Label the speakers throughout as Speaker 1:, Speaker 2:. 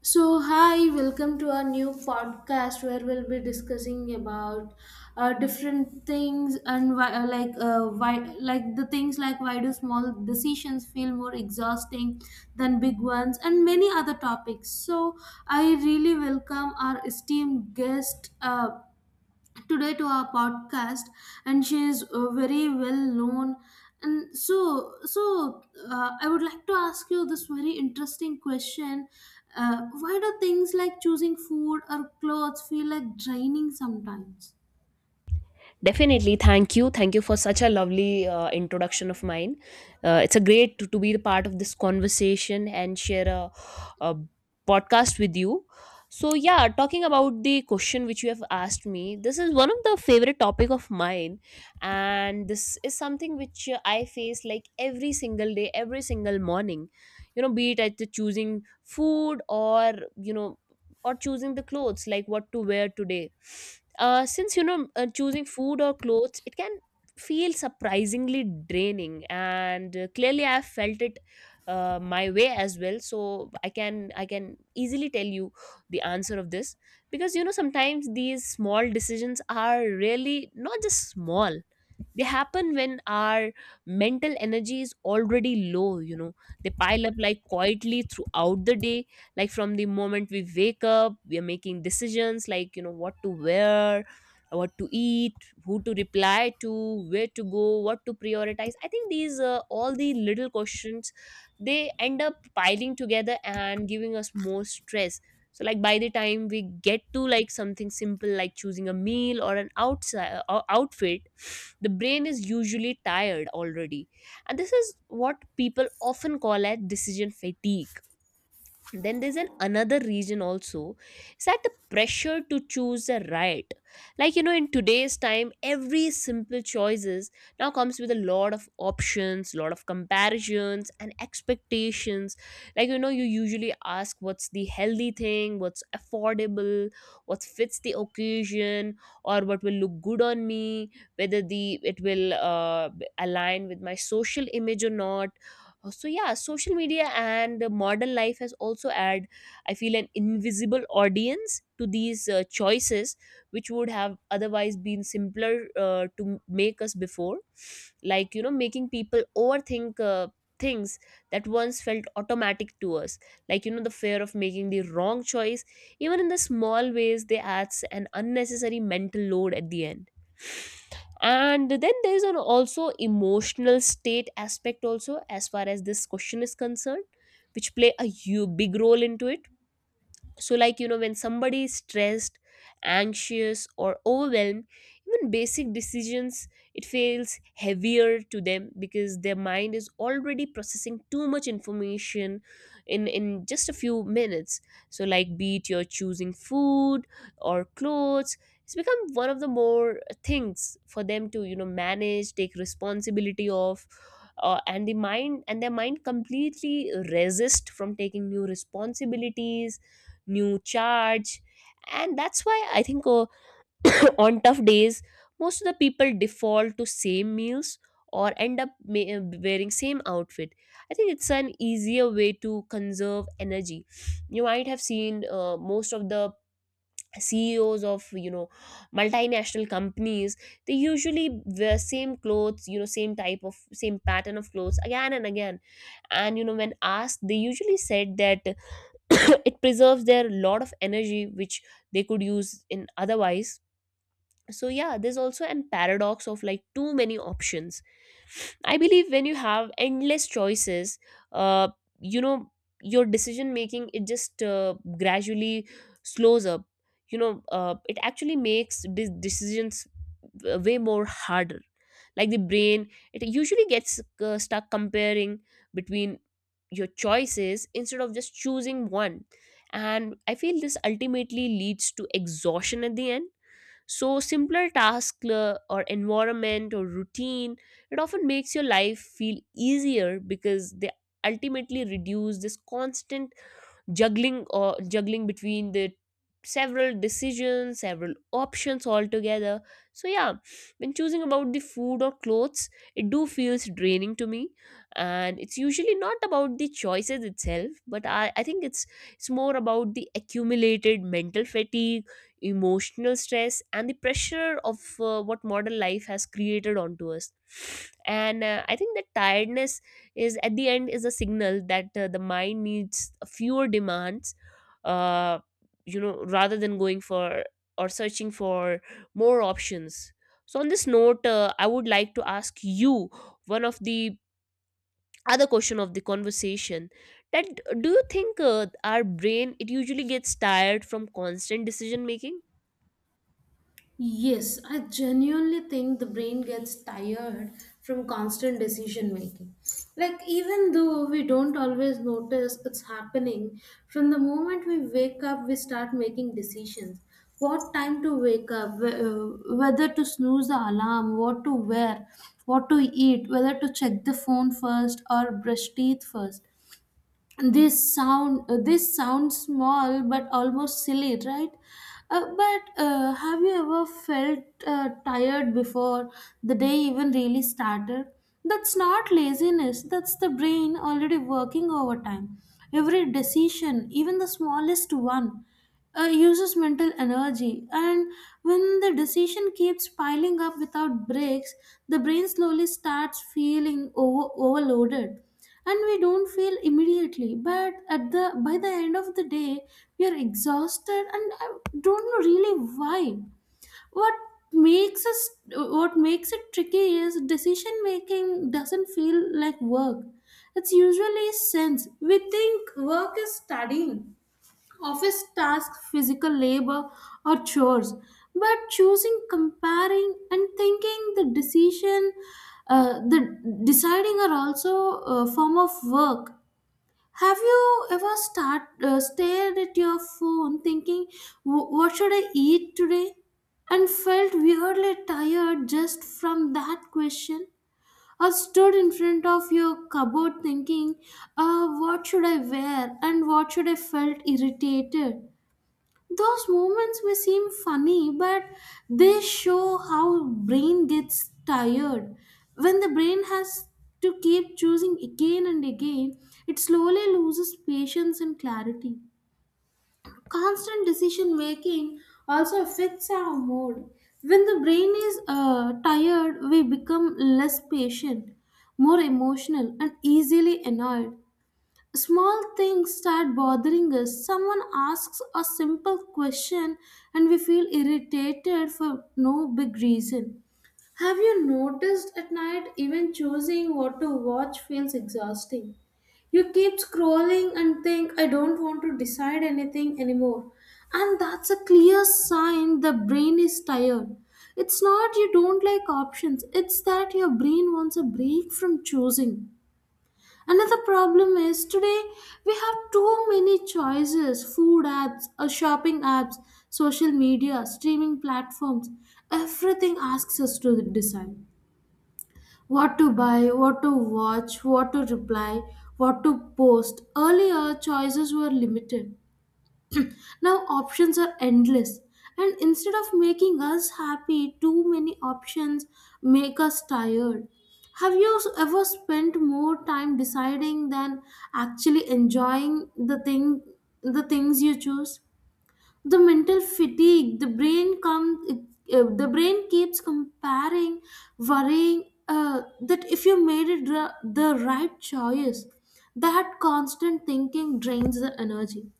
Speaker 1: So, hi, welcome to our new podcast where we'll be discussing about different things and why, like why, like the things like why do small decisions feel more exhausting than big ones and many other topics. So, I really welcome our esteemed guest today to our podcast, and she is very well known and I would like to ask you this very interesting question. Why do things like choosing food or clothes feel like draining sometimes?
Speaker 2: Definitely. Thank you. Thank you for such a lovely introduction of mine. It's a great to be the part of this conversation and share a podcast with you. So yeah, talking about the question which you have asked me, this is one of the favorite topic of mine, and this is something which I face like every single day, every single morning. You know, be it at the choosing food or or choosing the clothes like what to wear today, since you know, choosing food or clothes, it can feel surprisingly draining, and clearly I've felt it my way as well, so I can I can easily tell you the answer of this, because you know, sometimes these small decisions are really not just small. They happen when our mental energy is already low, you know. They pile up like quietly throughout the day. Like from the moment we wake up, we are making decisions like, you know, what to wear, what to eat, who to reply to, where to go, what to prioritize. I think these all the little questions, they end up piling together and giving us more stress. So like by the time we get to like something simple like choosing a meal or an outside outfit, the brain is usually tired already, and this is what people often call as decision fatigue. Then there's an another reason also, is that the pressure to choose the right, like you know, in today's time every simple choices now comes with a lot of options, lot of comparisons and expectations. Like you know, you usually ask, what's the healthy thing, what's affordable, what fits the occasion, or what will look good on me, whether the it will align with my social image or not. So yeah, social media and modern life has also add, I feel, an invisible audience to these choices, which would have otherwise been simpler to make us before, like you know, making people overthink things that once felt automatic to us. Like you know, the fear of making the wrong choice, even in the small ways, they adds an unnecessary mental load at the end. And then there's an also emotional state aspect also as far as this question is concerned, which play a huge big role into it. So like you know, when somebody is stressed, anxious or overwhelmed, even basic decisions, it feels heavier to them, because their mind is already processing too much information in just a few minutes. So like be it you're choosing food or clothes, it's become one of the more things for them to, you know, manage, take responsibility of. And the mind and their mind completely resist from taking new responsibilities, new charge. And that's why I think, on tough days, most of the people default to same meals or end up wearing same outfit. I think it's an easier way to conserve energy. You might have seen, most of the CEOs of, you know, multinational companies, they usually wear same clothes, you know, same type of same pattern of clothes again and again. And you know, when asked, they usually said that it preserves their lot of energy, which they could use in otherwise. So yeah, there's also an paradox of like too many options. I believe when you have endless choices, uh, you know, your decision making, it just gradually slows up. You know, it actually makes decisions way more harder. Like the brain, it usually gets stuck comparing between your choices instead of just choosing one. And I feel this ultimately leads to exhaustion at the end. So, simpler task or environment or routine, it often makes your life feel easier because they ultimately reduce this constant juggling between the several decisions, several options altogether. So yeah, when choosing about the food or clothes, it do feels draining to me, and it's usually not about the choices itself, but I think it's more about the accumulated mental fatigue, emotional stress and the pressure of what modern life has created onto us. And I think that tiredness is, at the end, is a signal that the mind needs fewer demands, uh, you know, rather than going for or searching for more options. So on this note, I would like to ask you one of the other question of the conversation, that do you think our brain, it usually gets tired from constant decision making?
Speaker 1: Yes, I genuinely think the brain gets tired from constant decision making. Like, even though we don't always notice it's happening, from the moment we wake up, we start making decisions. What time to wake up, whether to snooze the alarm, what to wear, what to eat, whether to check the phone first or brush teeth first. This sounds small but almost silly, right but Have you ever felt tired before the day even really started? That's not laziness, that's the brain already working overtime. Every decision, even the smallest one, uses mental energy, and when the decision keeps piling up without breaks the brain slowly starts feeling overloaded, and we don't feel immediately, but at the by the end of the day we are exhausted and I don't know really why. what makes us what makes it tricky is decision making doesn't feel like work. It's usually sense we think work is studying, office tasks, physical labor, or chores. But choosing, comparing, and thinking the decision, the deciding are also a form of work. Have you ever start stared at your phone thinking, "What should I eat today?" and felt weirdly tired just from that question? Or stood in front of your cupboard thinking, "What should I wear?" and "What should I felt irritated?" Those moments may seem funny, but they show how brain gets tired. When the brain has to keep choosing again and again it slowly loses patience and clarity. Constant decision making also affects our mood. When the brain is tired we become less patient, more emotional and easily annoyed. Small things start bothering us. Someone asks a simple question and we feel irritated for no big reason. Have you noticed at night even choosing what to watch feels exhausting? You keep scrolling and think, I don't want to decide anything anymore. And that's a clear sign the brain is tired. It's not you don't like options, it's that your brain wants a break from choosing. Another problem is today we have too many choices: food apps, shopping apps, social media, streaming platforms. Everything asks us to decide what to buy, what to watch, what to reply, what to post. Earlier, choices were limited. Now options are endless, and instead of making us happy, too many options make us tired. Have you ever spent more time deciding than actually enjoying the things you choose? The mental fatigue, the brain keeps comparing, worrying that if you made it the right choice, that constant thinking drains the energy.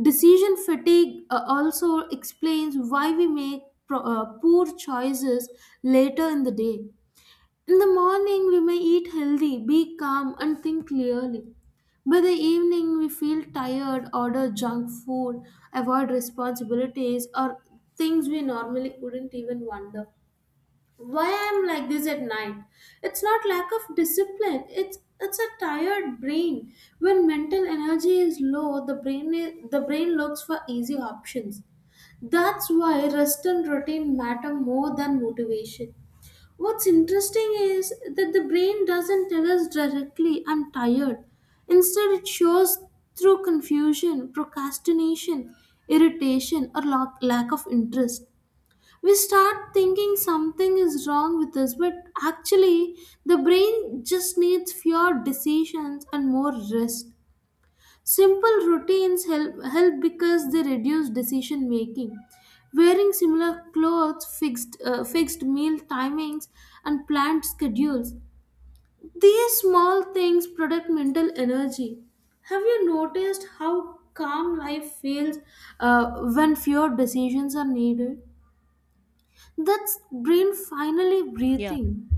Speaker 1: Decision fatigue also explains why we make poor choices later in the day. In the morning, we may eat healthy, be calm, and think clearly. By the evening, we feel tired, order junk food, avoid responsibilities, or things we normally wouldn't, even wonder why I'm like this at night. It's not lack of discipline, it's a tired brain. When mental energy is low the brain looks for easy options. That's why rest and routine matter more than motivation. What's interesting is that the brain doesn't tell us directly I'm tired. Instead it shows through confusion, procrastination, irritation or lack of interest. We start thinking something is wrong with us, but actually the brain just needs fewer decisions and more rest. Simple routines help because they reduce decision making. Wearing similar clothes, fixed meal timings and planned schedules, these small things protect mental energy. Have you noticed how calm life feels uh, when fewer decisions are needed? That's brain finally
Speaker 2: Yeah,
Speaker 1: breathing.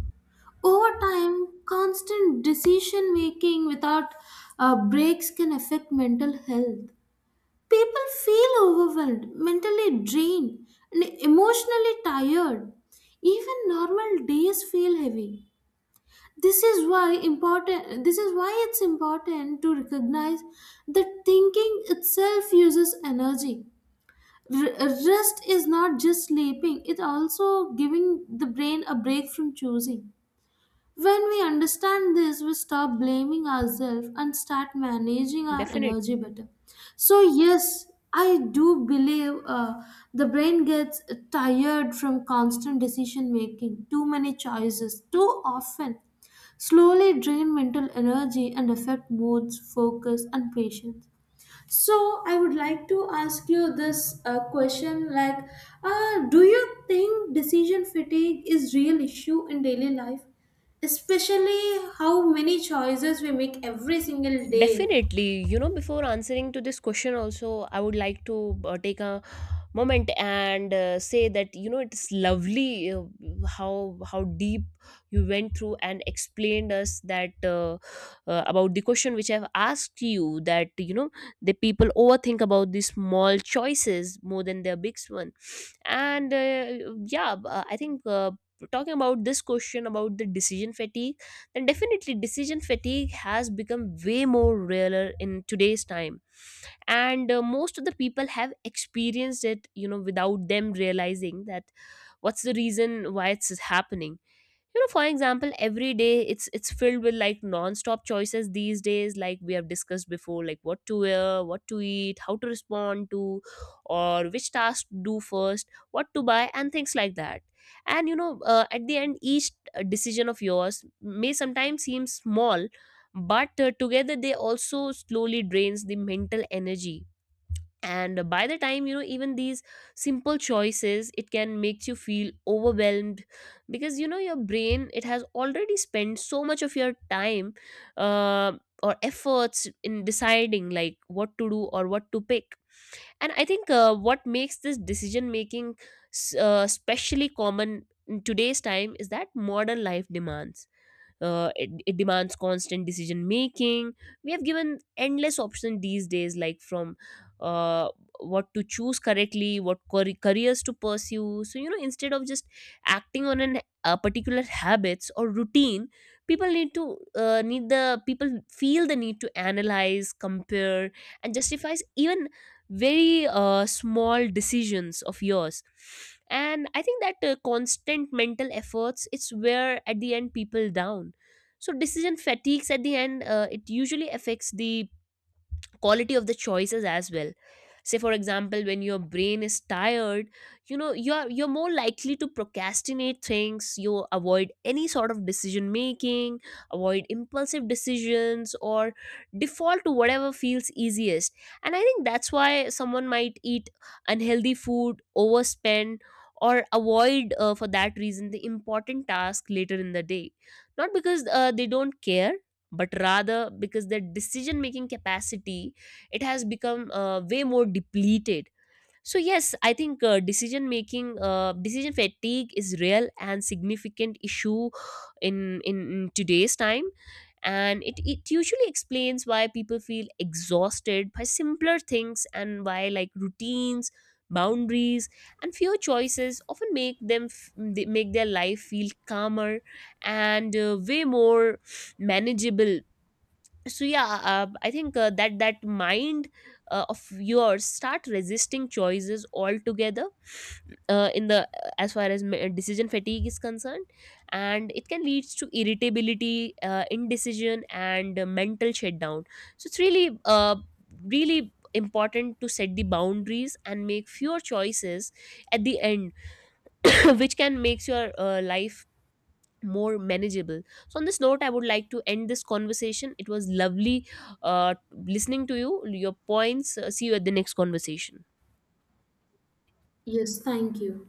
Speaker 1: Over time, constant decision making without breaks can affect mental health. People feel overwhelmed, mentally drained, and emotionally tired. Even normal days feel heavy. This is why it's important to recognize that thinking itself uses energy. Rest is not just sleeping, it's also giving the brain a break from choosing. When we understand this, we stop blaming ourselves and start managing our
Speaker 2: definitely.
Speaker 1: energy better. So, yes, I do believe the brain gets tired from constant decision making. Too many choices, too often, slowly drain mental energy and affect moods, focus, and patience. So I would like to ask you this question, like, do you think decision fatigue is real issue in daily life, especially how many choices we make every single day?
Speaker 2: Definitely, you know, before answering to this question, also, I would like to take a moment and say that, you know, it's lovely how deep you went through and explained us that about the question which I've asked you, that you know, the people overthink about these small choices more than their big one, and yeah, I think, talking about this question about the decision fatigue, then definitely decision fatigue has become way more realer in today's time, and most of the people have experienced it, you know, without them realizing that what's the reason why it's happening. You know, for example, every day it's filled with like non-stop choices these days, like we have discussed before, like what to wear, what to eat, how to respond to, or which task to do first, what to buy and things like that. And you know, at the end, each decision of yours may sometimes seem small, but together they also slowly drains the mental energy. And by the time, you know, even these simple choices, it can make you feel overwhelmed, because you know your brain, it has already spent so much of your time uh, or efforts in deciding like what to do or what to pick. And I think what makes this decision making especially common in today's time is that modern life demands, it, it demands constant decision making. We have given endless options these days, like from uh, what to choose correctly, what careers to pursue. So you know, instead of just acting on an a particular habits or routine, people need to need the people feel the need to analyze, compare and justify even very small decisions of yours. And I think that constant mental efforts, it's where at the end people down. So decision fatigues at the end, it usually affects the quality of the choices as well. Say for example, when your brain is tired, you know, you're more likely to procrastinate things, you avoid any sort of decision making, avoid impulsive decisions or default to whatever feels easiest. And I think that's why someone might eat unhealthy food, overspend, or avoid for that reason the important task later in the day, not because they don't care, but rather because their decision making capacity, it has become way more depleted. So yes, I think decision making, decision fatigue is real and significant issue in today's time. And it usually explains why people feel exhausted by simpler things, and why like routines, boundaries and fewer choices often make them they make their life feel calmer and way more manageable. So yeah, I think that mind of yours start resisting choices altogether, in the as far as decision fatigue is concerned, and it can lead to irritability, indecision and mental shutdown. So it's really really important to set the boundaries and make fewer choices at the end which can makes your life more manageable. So, on this note, I would like to end this conversation. It was lovely listening to you, your points. See you at the next conversation.
Speaker 1: Yes, thank you.